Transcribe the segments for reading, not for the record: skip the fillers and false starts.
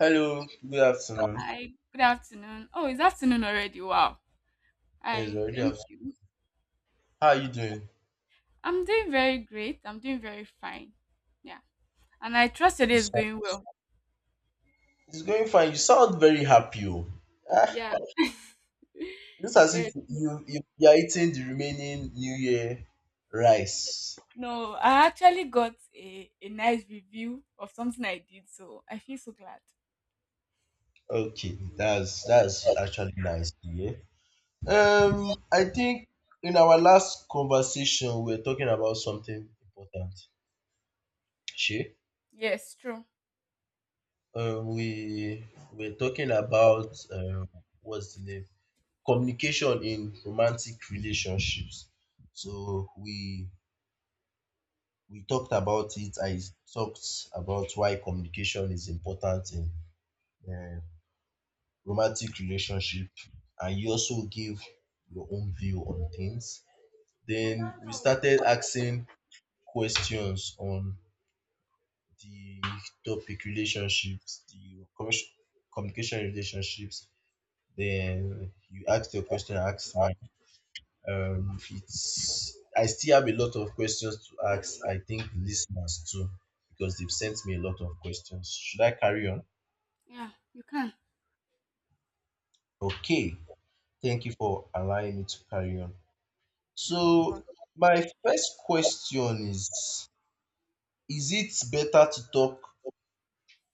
Hello, good afternoon. Hi, good afternoon. Oh, it's afternoon already. Wow. It's I already think afternoon. How are you doing? I'm doing very great. I'm doing very fine. Yeah. And I trust today You is sound going well. it's going fine. You sound very happy. Oh. Ah, Yeah. looks as if yes. you are eating the remaining New Year rice. No, I actually got a nice review of something I did, so I feel so glad. Okay, that's actually nice to hear. I think in our last conversation we were talking about something important. She, Yes, true. We were talking about what's the name? Communication in romantic relationships. So we talked about it. I talked about why communication is important in um romantic relationship, and you also gave your own view on things. Then we started asking questions on the topic relationships, the communication relationships. Then you asked your question, I asked mine. It's I still have a lot of questions to ask. I think listeners too, because they've sent me a lot of questions. Should I carry on? Yeah, you can. Okay, thank you for allowing me to carry on. You're welcome. So, my first question is: is it better to talk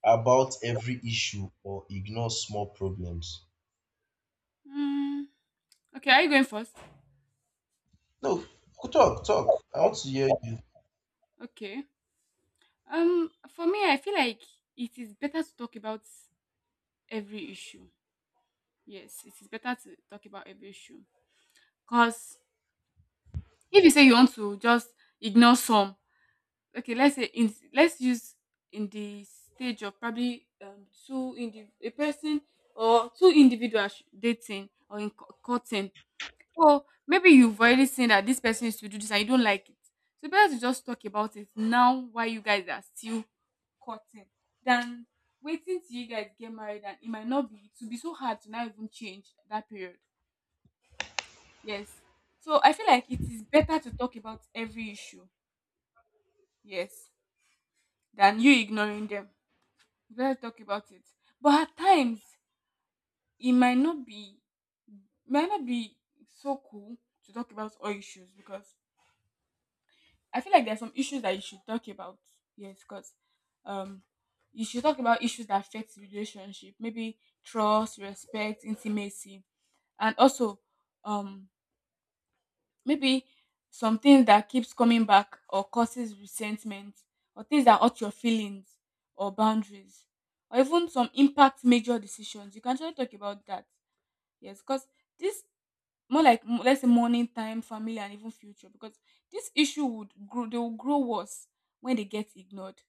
about every issue or ignore small problems? Mm, okay, are you going first? No, go talk. I want to hear you. Okay. For me, I feel like it is better to talk about every issue. Yes, it is better to talk about every issue. Cause if you say you want to just ignore some, okay, let's use in the stage of probably a person or two individuals dating or in courting. Or maybe you've already seen that this person is to do this and you don't like it. So better to just talk about it now while you guys are still courting than waiting till you guys get married and it might not be it will be so hard to now even change that period. Yes. So I feel like it is better to talk about every issue, yes, than you ignoring them. It's better to talk about it. But at times it might not be so cool to talk about all issues because I feel like there are some issues that you should talk about. Yes, because um you should talk about issues that affect the relationship, maybe trust, respect, intimacy, and also um maybe something that keeps coming back or causes resentment or things that hurt your feelings or boundaries or even some impact major decisions. You can actually talk about that. Yes, because this more like let's say morning time, family and even future because this issue would grow they will grow worse when they get ignored.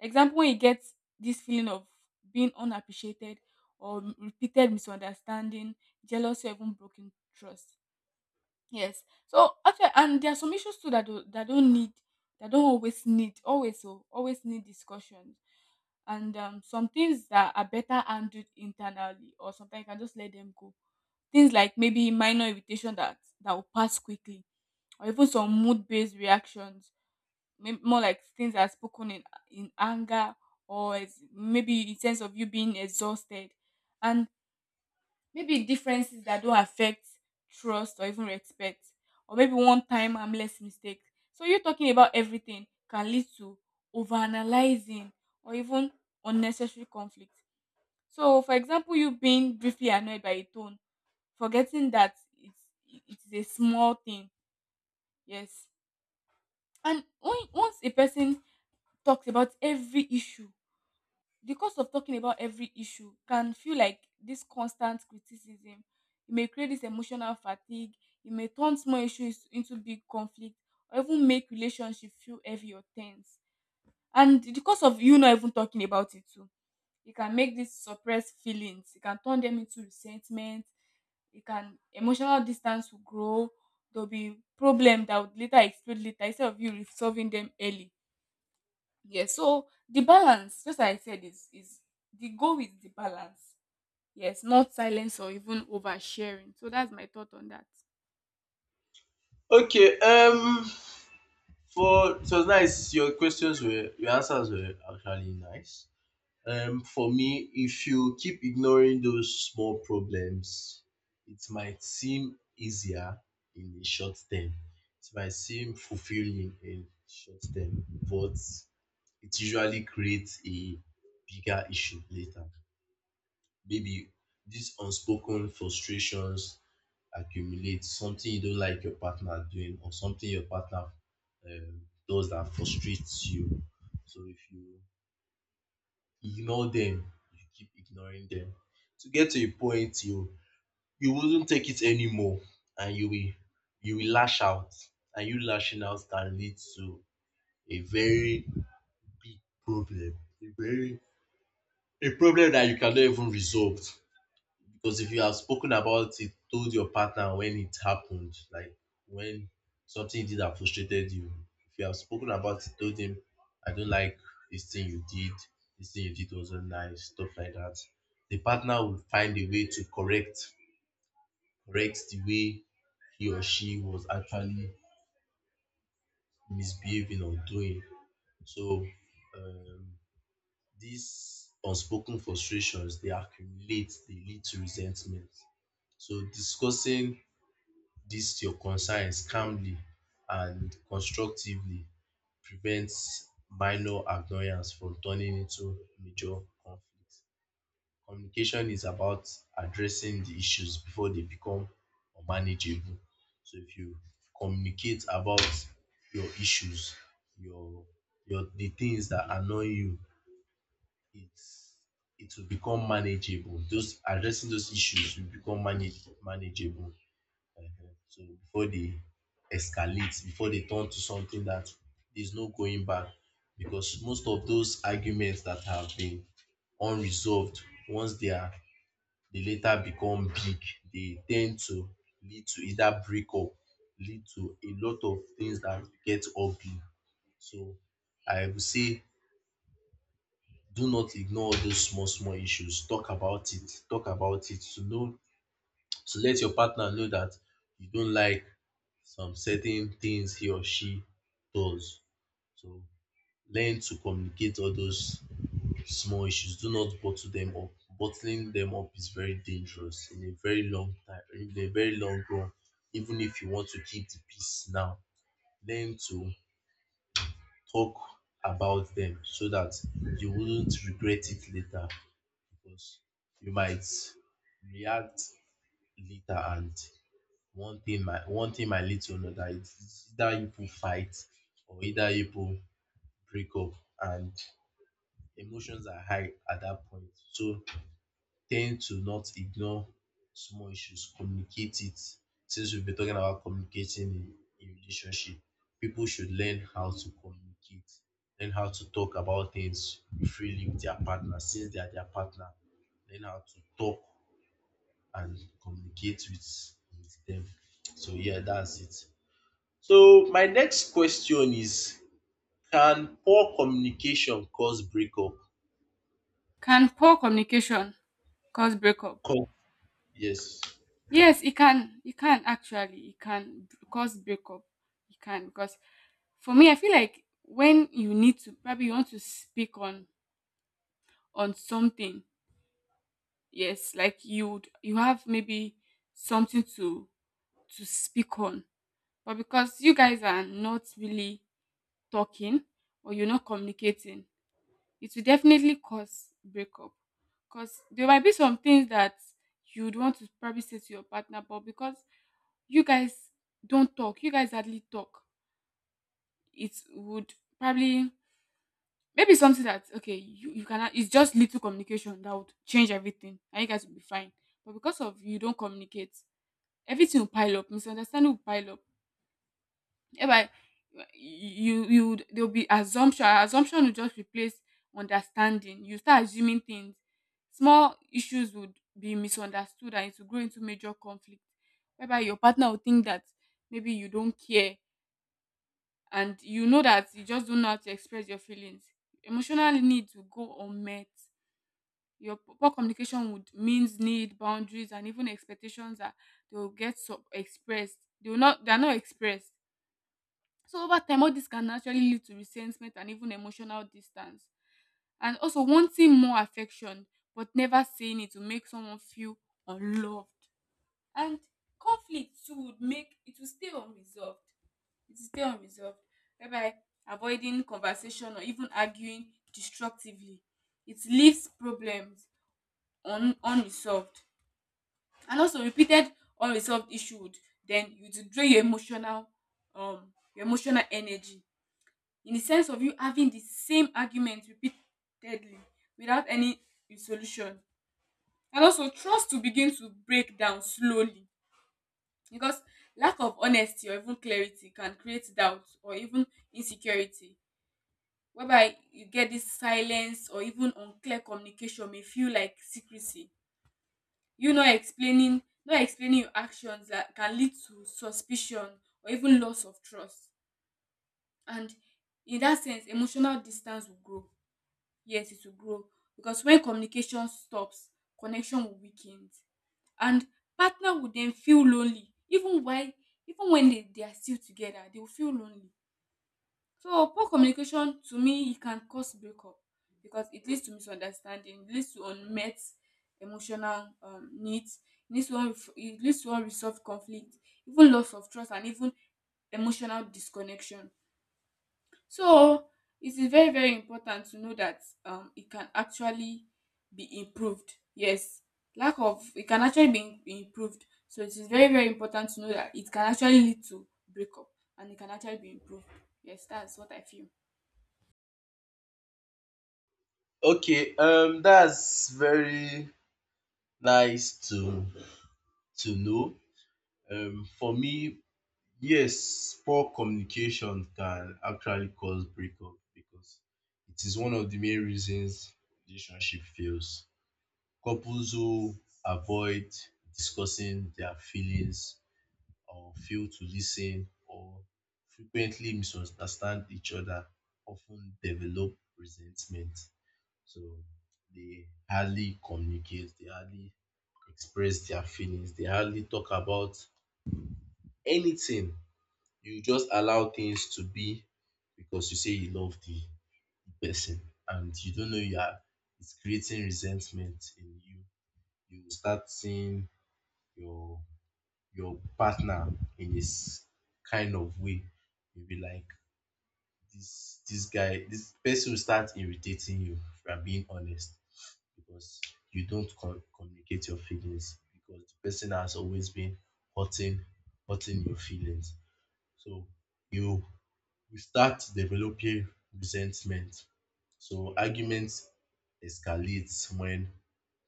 Example, when you get this feeling of being unappreciated or repeated misunderstanding, jealousy or even broken trust. Yes. So actually, and there are some issues too that don't always need, always need discussions, and some things that are better handled internally, or sometimes you can just let them go. Things like maybe minor irritation that will pass quickly, or even some mood-based reactions, maybe more like things that are spoken in anger or as, maybe in sense of you being exhausted, and maybe differences that don't affect trust or even respect, or maybe one time harmless mistake. So you talking about everything can lead to overanalyzing or even unnecessary conflict. So, for example, you being briefly annoyed by a tone, forgetting that it is a small thing. Yes, and when, once a person talks about every issue, the cost of talking about every issue can feel like this constant criticism. It may create this emotional fatigue. It may turn small issues into big conflict or even make relationship feel heavy or tense. And the cost of you not even talking about it too, it can make these suppressed feelings. It can turn them into resentment. It can emotional distance will grow. There'll be problem that would later explode later instead of you resolving them early. Yeah, so the balance, just like I said, is the goal is the balance. Yes, not silence or even oversharing. So that's my thought on that. Okay, for it was nice. Your questions were your answers were actually nice. For me, if you keep ignoring those small problems, it might seem easier in the short term. It might seem fulfilling in short term, but it usually creates a bigger issue later. Maybe these unspoken frustrations accumulate, something you don't like your partner doing, or something your partner um, does that frustrates you. So if you ignore them, you keep ignoring them. To get to a point you wouldn't take it anymore and you will lash out. And you lashing out can lead to a very big problem. A very a problem that you cannot even resolve. Because if you have spoken about it, told your partner when it happened, like when something did that frustrated you, if you have spoken about it, told him, I don't like this thing you did, this thing you did wasn't nice, stuff like that, the partner will find a way to correct the way he or she was actually misbehaving or doing. So um, these unspoken frustrations they accumulate, they lead to resentment. So discussing this your concerns calmly and constructively prevents minor annoyance from turning into major conflict. Communication is about addressing the issues before they become unmanageable. So if you communicate about your issues, your your the things that annoy you, it's it will become manageable. Those addressing those issues will become manageable. Mhm. So before they escalate, before they turn to something that there's no going back, because most of those arguments that have been unresolved, once they are they later become big, they tend to lead to either breakup, lead to a lot of things that get ugly. So I would say do not ignore all those small small issues. Talk about it. Talk about it to know so let your partner know that you don't like some certain things he or she does. So learn to communicate all those small issues. Do not bottle them up. Bottling them up is very dangerous in a very long time, in a very long run. Even if you want to keep the peace now, learn to talk about them so that you wouldn't regret it later because you might react later, and one thing my little know that it's either you people fight or either you people break up and emotions are high at that point. So tend to not ignore small issues, communicate it. Since we've been talking about communicating in relationship, people should learn how to communicate, learn how to talk about things freely with their partner since they are their partner, learn how to talk and communicate with them. So yeah, that's it. So my next question is, can poor communication cause breakup? Can poor communication cause breakup? Co- yes. Yes, it can. It can actually. Cause breakup. It can because for me, I feel like when you need to probably you want to speak on something. Yes, like you have maybe something to speak on, but because you guys are not really talking or you're not communicating, it will definitely cause breakup. Because there might be some things that you'd want to probably say to your partner, but because you guys don't talk, you guys hardly talk, it would probably maybe something that okay, you cannot it's just little communication that would change everything and you guys will be fine. But because of you don't communicate, everything will pile up, misunderstanding will pile up whereby you you would there will be assumption, assumption will just replace understanding, you start assuming things, small issues would be misunderstood and it will grow into major conflict whereby your partner will think that maybe you don't care and you know that you just don't know how to express your feelings, emotional needs will go unmet, your poor communication would means need boundaries and even expectations that they will not, they are not expressed. So over time, all this can naturally lead to resentment and even emotional distance. And also wanting more affection but never saying it will make someone feel unloved. And conflict too would make it will stay unresolved. It will stay unresolved. Whereby avoiding conversation or even arguing destructively. It leaves problems unresolved. And also repeated unresolved issue would then you to drain your emotional energy in the sense of you having the same argument repeatedly without any solution. And also, trust to begin to break down slowly because lack of honesty or even clarity can create doubt or even insecurity, whereby you get this silence or even unclear communication may feel like secrecy. You not explaining, not explaining your actions, that can lead to suspicion or even loss of trust. And in that sense, emotional distance will grow. Yes, it will grow because when communication stops, connection will weaken and partner will then feel lonely even while even when they are still together, they will feel lonely. So poor communication to me, it can cause breakup because it leads to misunderstanding, it leads to unmet emotional needs, it leads to unresolved conflict, even loss of trust and even emotional disconnection. So it is very very important to know that it can actually be improved. Yes, lack of it can actually be improved. So it is very very important to know that it can actually lead to breakup and it can actually be improved. Yes, that's what I feel. Okay. That's very nice to know. For me, yes, poor communication can actually cause breakup because it is one of the main reasons relationship fails. Couples who avoid discussing their feelings or fail to listen or frequently misunderstand each other often develop resentment. So they hardly communicate, they hardly express their feelings, they hardly talk about anything. You just allow things to be because you say you love the person and you don't know you are it's creating resentment in you. You will start seeing your your partner in this kind of way. You'll be like, this guy, this person will start irritating you if you are being honest because you don't communicate your feelings because the person has always been hurting hurting your feelings. So you you start developing resentment. So arguments escalates when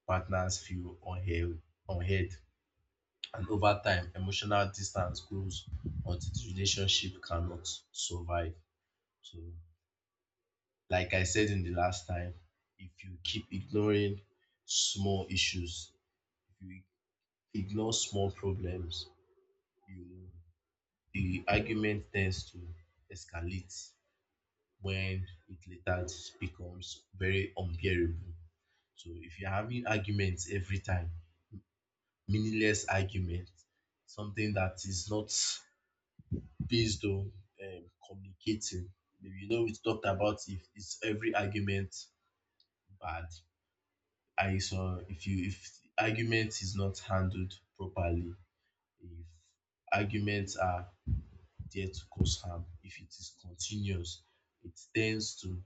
partners feel unheard. And over time, emotional distance grows until the relationship cannot survive. So, like I said in the last time, if you keep ignoring small issues, if you ignore small problems, you the argument tends to escalate when it later becomes very unbearable. So, if you're having arguments every time, meaningless arguments, something that is not based on communicating. Maybe you know we talked about if is every argument bad. I saw if you if the argument is not handled properly, if arguments are there to cause harm, if it is continuous, it tends to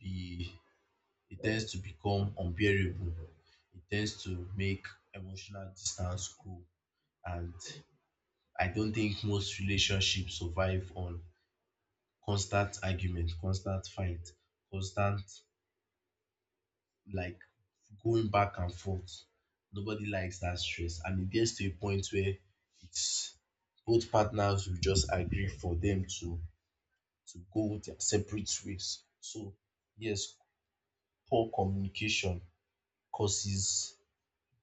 be it tends to become unbearable. It tends to make emotional distance grow, and I don't think most relationships survive on constant argument, constant fight, constant like going back and forth. Nobody likes that stress, and it gets to a point where it's both partners will just agree for them to go their separate ways. So yes, poor communication causes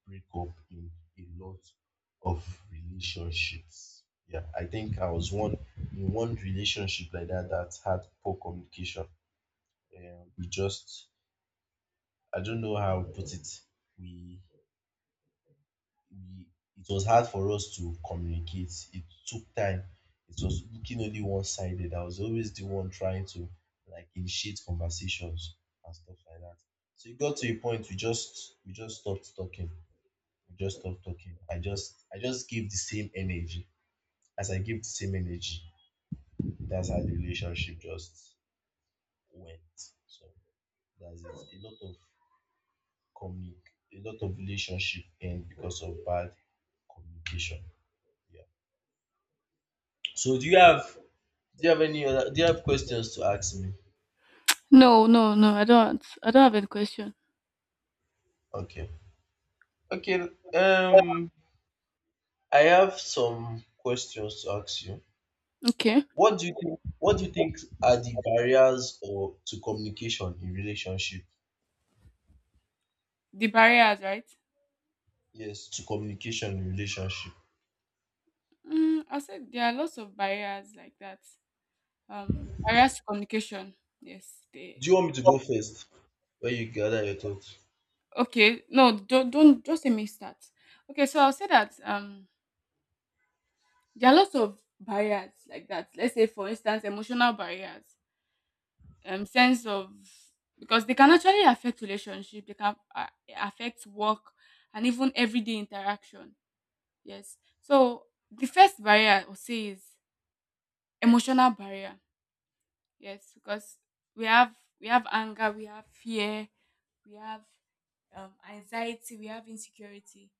breakup in a lot of relationships. Yeah, I think I was one in one relationship like that that had poor communication. We just I don't know how to put it. We, we it was hard for us to communicate. It took time. It was looking only one sided. I was always the one trying to like initiate conversations and stuff like that. So it got to a point we just stopped talking. We just stopped talking. I just gave the same energy. As I gave the same energy, that's how the relationship just went. So that's it. A lot of communi- a lot of relationship end because of bad communication. Yeah. So do you have any other do you have questions to ask me? No, no, no. I don't. I don't have any question. Okay. Okay. Um I have some questions to ask you. Okay. What do you think are the barriers or to communication in relationship? The barriers, right? Yes, to communication in relationship. Mm, I said there are lots of barriers like that. Barriers to communication. Yes, they. Do you want me to go first when you gather your thoughts? Okay, no, don't just let me start. Okay, so I'll say that there are lots of barriers like that. Let's say, for instance, emotional barriers, sense of because they can actually affect relationship, they can affect work, and even everyday interaction. Yes. So the first barrier I'll say is emotional barrier. Yes, because we have anger, we have fear, we have anxiety, we have insecurity,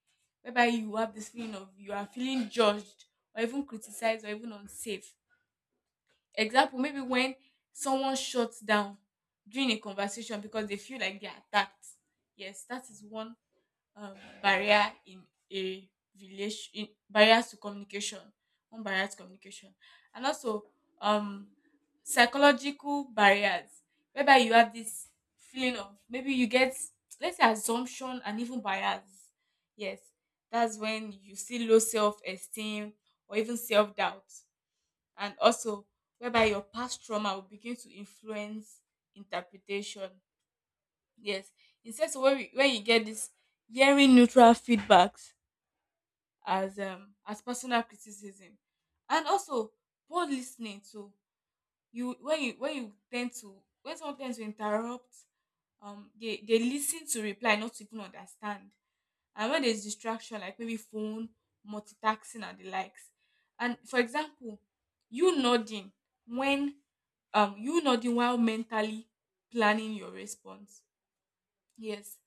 whereby you have this feeling of you are feeling judged or even criticized or even unsafe. Example, maybe when someone shuts down during a conversation because they feel like they're attacked. Yes, that is one um, barrier in a relation in barriers to communication, one barrier to communication. And also um psychological barriers whereby you have this feeling of maybe you get let's say assumption and even bias, yes, that's when you see low self-esteem or even self-doubt. And also whereby your past trauma will begin to influence interpretation. Yes, he says so when, we, when you get this hearing neutral feedbacks as personal criticism, and also poor listening too. You when you when you tend to when someone tends to interrupt, they listen to reply not to even understand, and when there's distraction like maybe phone, multitasking and the likes, and for example, you nodding when you nodding while mentally planning your response. Yes,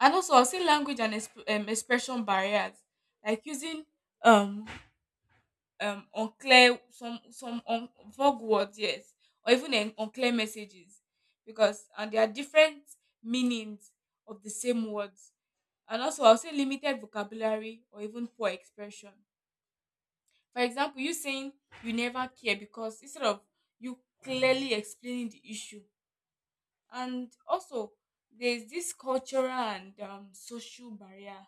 and also I'll say language and expression barriers, like using um unclear, vague words, yes, or even unclear messages, because and there are different meanings of the same words. And also I'll say limited vocabulary or even poor expression. For example, you saying you never care because instead of you clearly explaining the issue. And also there's this cultural and social barrier.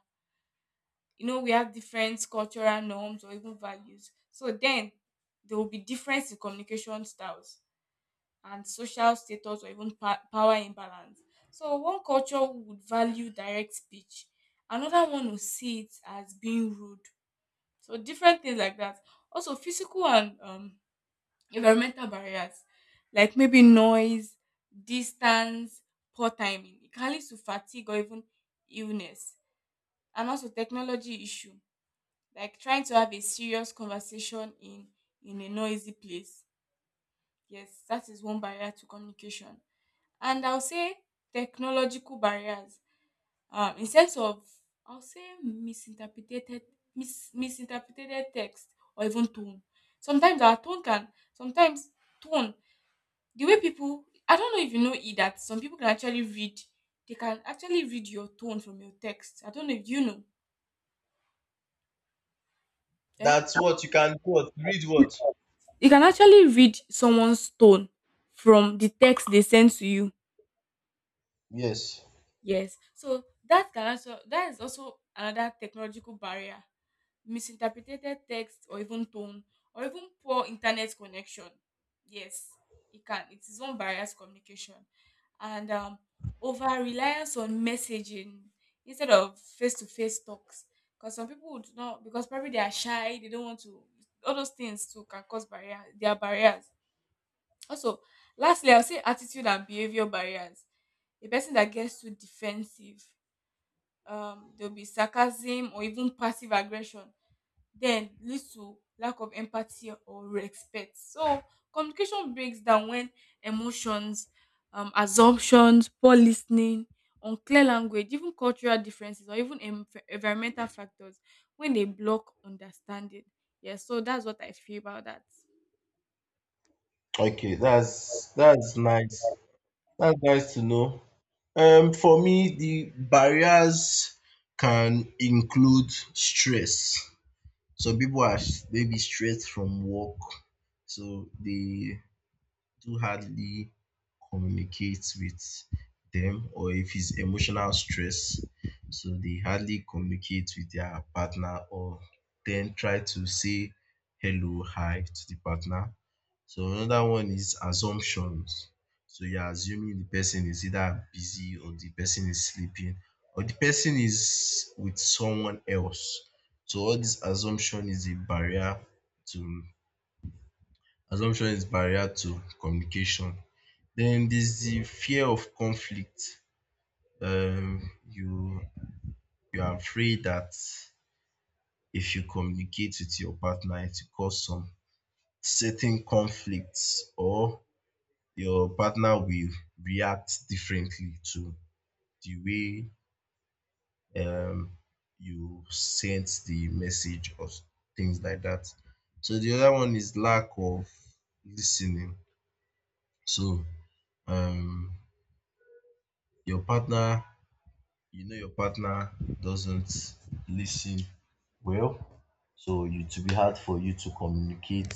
You know we have different cultural norms or even values, so then there will be difference in communication styles and social status or even power imbalance. So one culture would value direct speech, another one will see it as being rude, so different things like that. Also physical and environmental barriers, like maybe noise, distance, poor timing. It can lead to fatigue or even illness, and also technology issue, like trying to have a serious conversation in a noisy place. Yes, that is one barrier to communication. And I'll say technological barriers, in sense of, I'll say misinterpreted, misinterpreted text or even tone. Sometimes our tone can sometimes tone, the way people, I don't know if you know it, that some people can actually read, they can actually read your tone from your text. I don't know if you know. eh That's what you can what read what? You can actually read someone's tone from the text they send to you. Yes. Yes. So that can also, that is also another technological barrier. Misinterpreted text or even tone, or even poor internet connection. Yes, it can. It is one barrier to communication. And over reliance on messaging instead of face to face talks. Because some people would not, because probably they are shy, they don't want to, all those things too can cause barrier. They are barriers. Also, lastly, I'll say attitude and behavior barriers. A person that gets too defensive, there'll be sarcasm or even passive aggression, then leads to lack of empathy or respect. So communication breaks down when emotions, assumptions, poor listening, unclear language, even cultural differences, or even environmental factors, when they block understanding. Yeah, so that's what I feel about that. Okay, that's nice. That's nice to know. For me, the barriers can include stress. Some people are maybe stressed from work, so they do hardly communicate with them, or if it's emotional stress, so they hardly communicate with their partner or then try to say hello, hi to the partner. So another one is assumptions. So you're assuming the person is either busy or the person is sleeping or the person is with someone else. So all this assumption is a barrier to assumption is barrier to communication. Then there's the fear of conflict. You are afraid that if you communicate with your partner, it will cause some certain conflicts or your partner will react differently to the way you sent the message or things like that. So the other one is lack of listening. So um, your partner, you know, your partner doesn't listen well. So it will be hard for you to communicate.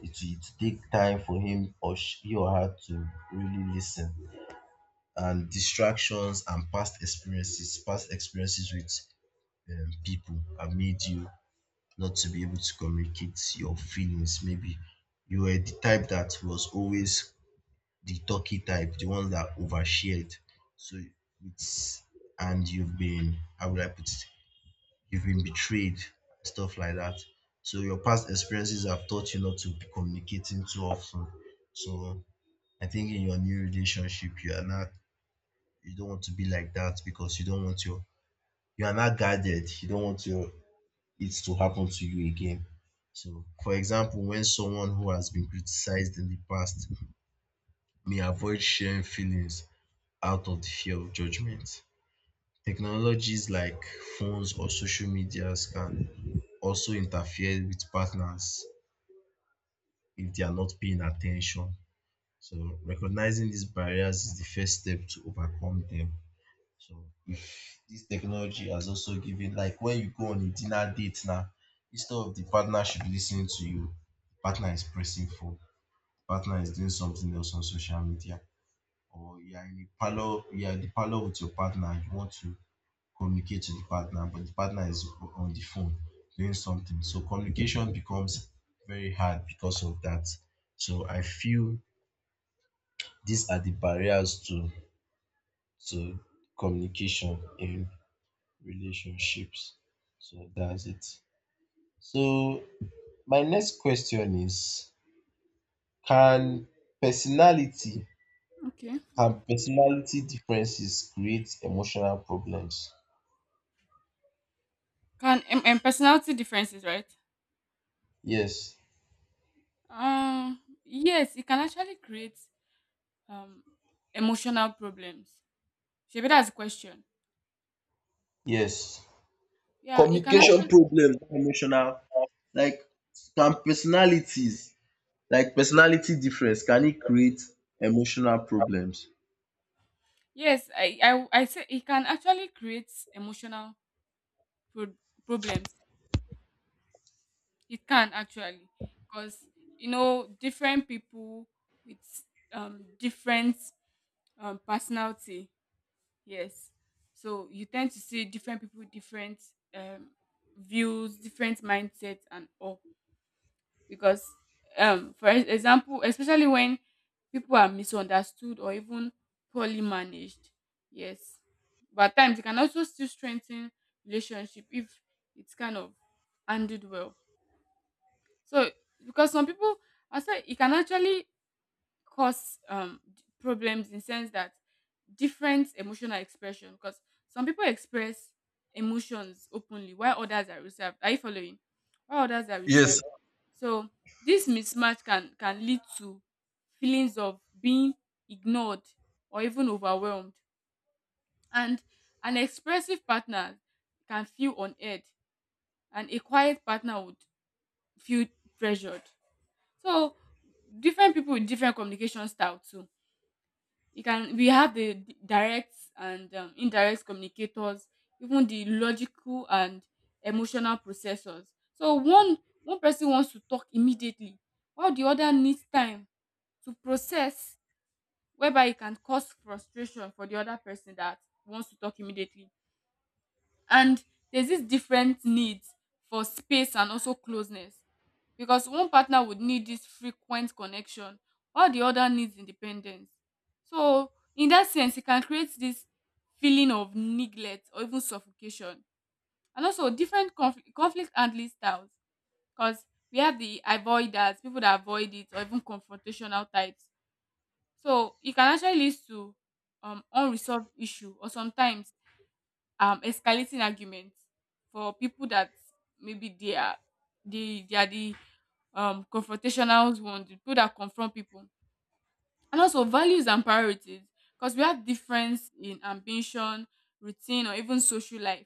It will take time for him or she or her to really listen. And distractions and past experiences with people have made you not to be able to communicate your feelings. Maybe you were the type that was always the talky type, the one that overshared. So it's and you've been how would I put it, you've been betrayed, stuff like that. So your past experiences have taught you not to be communicating too often. So I think in your new relationship you are now you don't want to be like that because you don't want your you are not guarded. You don't want your it to happen to you again. So, for example, when someone who has been criticized in the past may avoid sharing feelings out of the fear of judgment. Technologies like phones or social medias can also interfere with partners if they are not paying attention. So, recognizing these barriers is the first step to overcome them. So this technology has also given like when you go on a dinner date now, instead of the partner should be listening to you, the partner is pressing phone, the partner is doing something else on social media, or you are in a parlor, you are in the parlor with your partner, you want to communicate to the partner, but the partner is on the phone doing something. So communication becomes very hard because of that. So I feel these are the barriers to communication in relationships. So that's it. So my next question is can personality Okay. can personality differences create emotional problems? Can personality differences, right? Yes. Yes, it can actually create um emotional problems. Shebi, that's the question. Yes. Yeah, it can Communication actually. problems, not emotional like can personalities like personality difference can it create emotional problems? Yes, I say it can actually create emotional pro- problems. It can actually, because you know different people with different personality. Yes, so you tend to see different people, different um views, different mindsets, and all. Because for example, especially when people are misunderstood or even poorly managed. Yes, but at times it can also still strengthen relationship if it's kind of handled well. So because some people, I say it can actually cause problems in sense that different emotional expression, because some people express emotions openly while others are reserved. Are you following? While others are reserved, Yes. so this mismatch can lead to feelings of being ignored or even overwhelmed. And an expressive partner can feel unheard and a quiet partner would feel pressured. So different people with different communication style too. You can, we have the direct and indirect communicators, even the logical and emotional processors. So one person wants to talk immediately while the other needs time to process, whereby it can cause frustration for the other person that wants to talk immediately. And there's this different needs for space and also closeness, because one partner would need this frequent connection while the other needs independence. So in that sense, it can create this feeling of neglect or even suffocation. And also different conflict handling styles, because we have the avoiders, people that avoid it, or even confrontational types. So it can actually lead to unresolved issue or sometimes escalating arguments, for people that maybe they are, they are the confrontational ones, the people that confront people. And also values and priorities, because we have difference in ambition, routine, or even social life.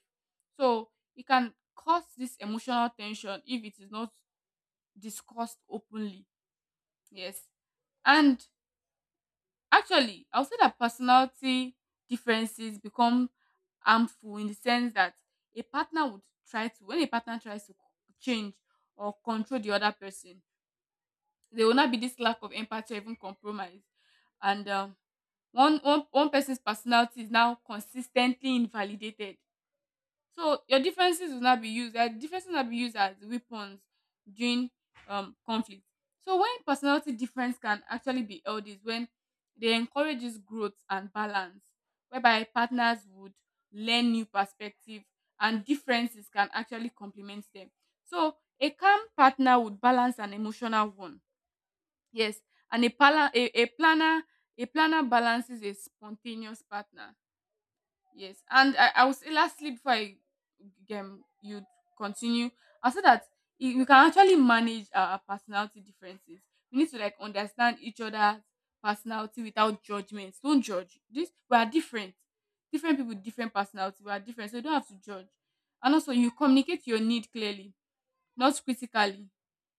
So it can cause this emotional tension if it is not discussed openly. Yes. And actually, I would say that personality differences become harmful in the sense that a partner would try to, when a partner tries to change or control the other person, there will not be this lack of empathy or even compromise. And one person's personality is now consistently invalidated, so your differences will not be used. Their differences will not be used as weapons during conflict. So when personality difference can actually be held is when they encourages growth and balance, whereby partners would learn new perspective and differences can actually complement them. So a calm partner would balance an emotional one. Yes. And a planner, a planner balances a spontaneous partner. Yes, and I will say lastly, before I you continue, I'll say that we can actually manage our personality differences. We need to like understand each other's personality without judgment. Don't judge. This, we are different. Different people, different personality. We are different, so you don't have to judge. And also, you communicate your need clearly, not critically.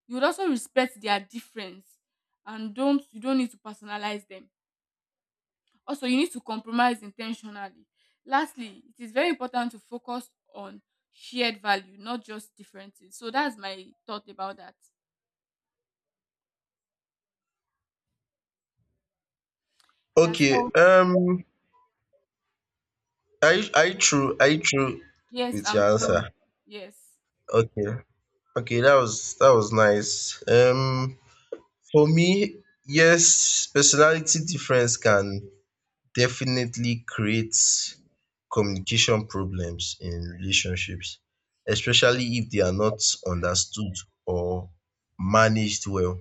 You would also respect their difference, and don't you don't need to personalize them. Also, you need to compromise intentionally. Lastly, it is very important to focus on shared value, not just differences. So that's my thought about that. Yeah. Okay. So Are you true yes, with I'm your done. answer? Yes. Okay. Okay, that was nice. For me, yes, personality difference can definitely create communication problems in relationships, especially if they are not understood or managed well.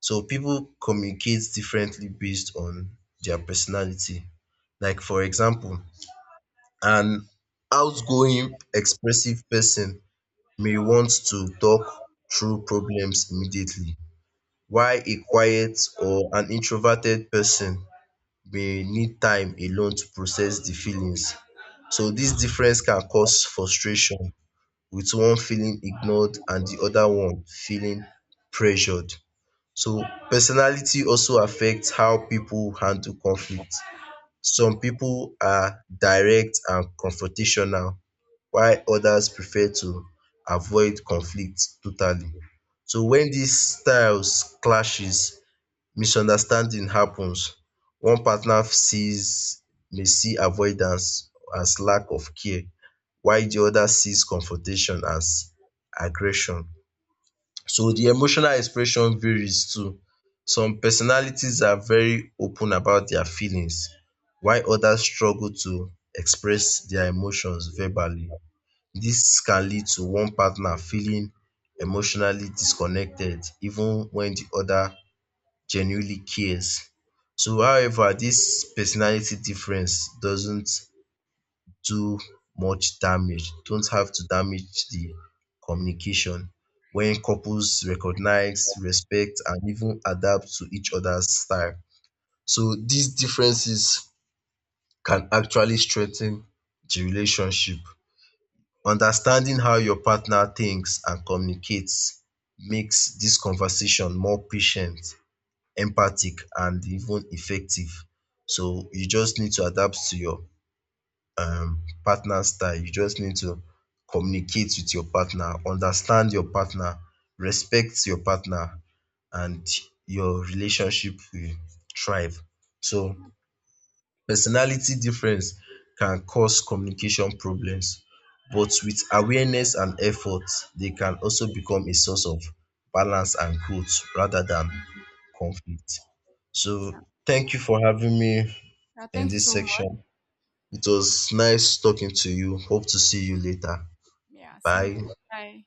So people communicate differently based on their personality. Like for example, an outgoing, expressive person may want to talk through problems immediately while a quiet or an introverted person may need time alone to process the feelings. So this difference can cause frustration with one feeling ignored and the other one feeling pressured. So personality also affects how people handle conflict. Some people are direct and confrontational while others prefer to avoid conflict totally. So when these styles clashes, misunderstanding happens, one partner sees may see avoidance as lack of care while the other sees confrontation as aggression. So the emotional expression varies too. Some personalities are very open about their feelings while others struggle to express their emotions verbally. This can lead to one partner feeling emotionally disconnected even when the other genuinely cares. So, however, this personality difference doesn't do much damage, don't have to damage the communication when couples recognize, respect, and even adapt to each other's style. So, these differences can actually strengthen the relationship. Understanding how your partner thinks and communicates makes this conversation more patient, empathic and even effective. So you just need to adapt to your partner's style. You just need to communicate with your partner, understand your partner, respect your partner, and your relationship will thrive. So personality difference can cause communication problems, but with awareness and effort, they can also become a source of balance and growth rather than conflict. Yeah. So thank you for having me Yeah, in thank you this so much. section. It was nice talking to you. Hope to see you later. Yeah. Same Bye. here. Bye.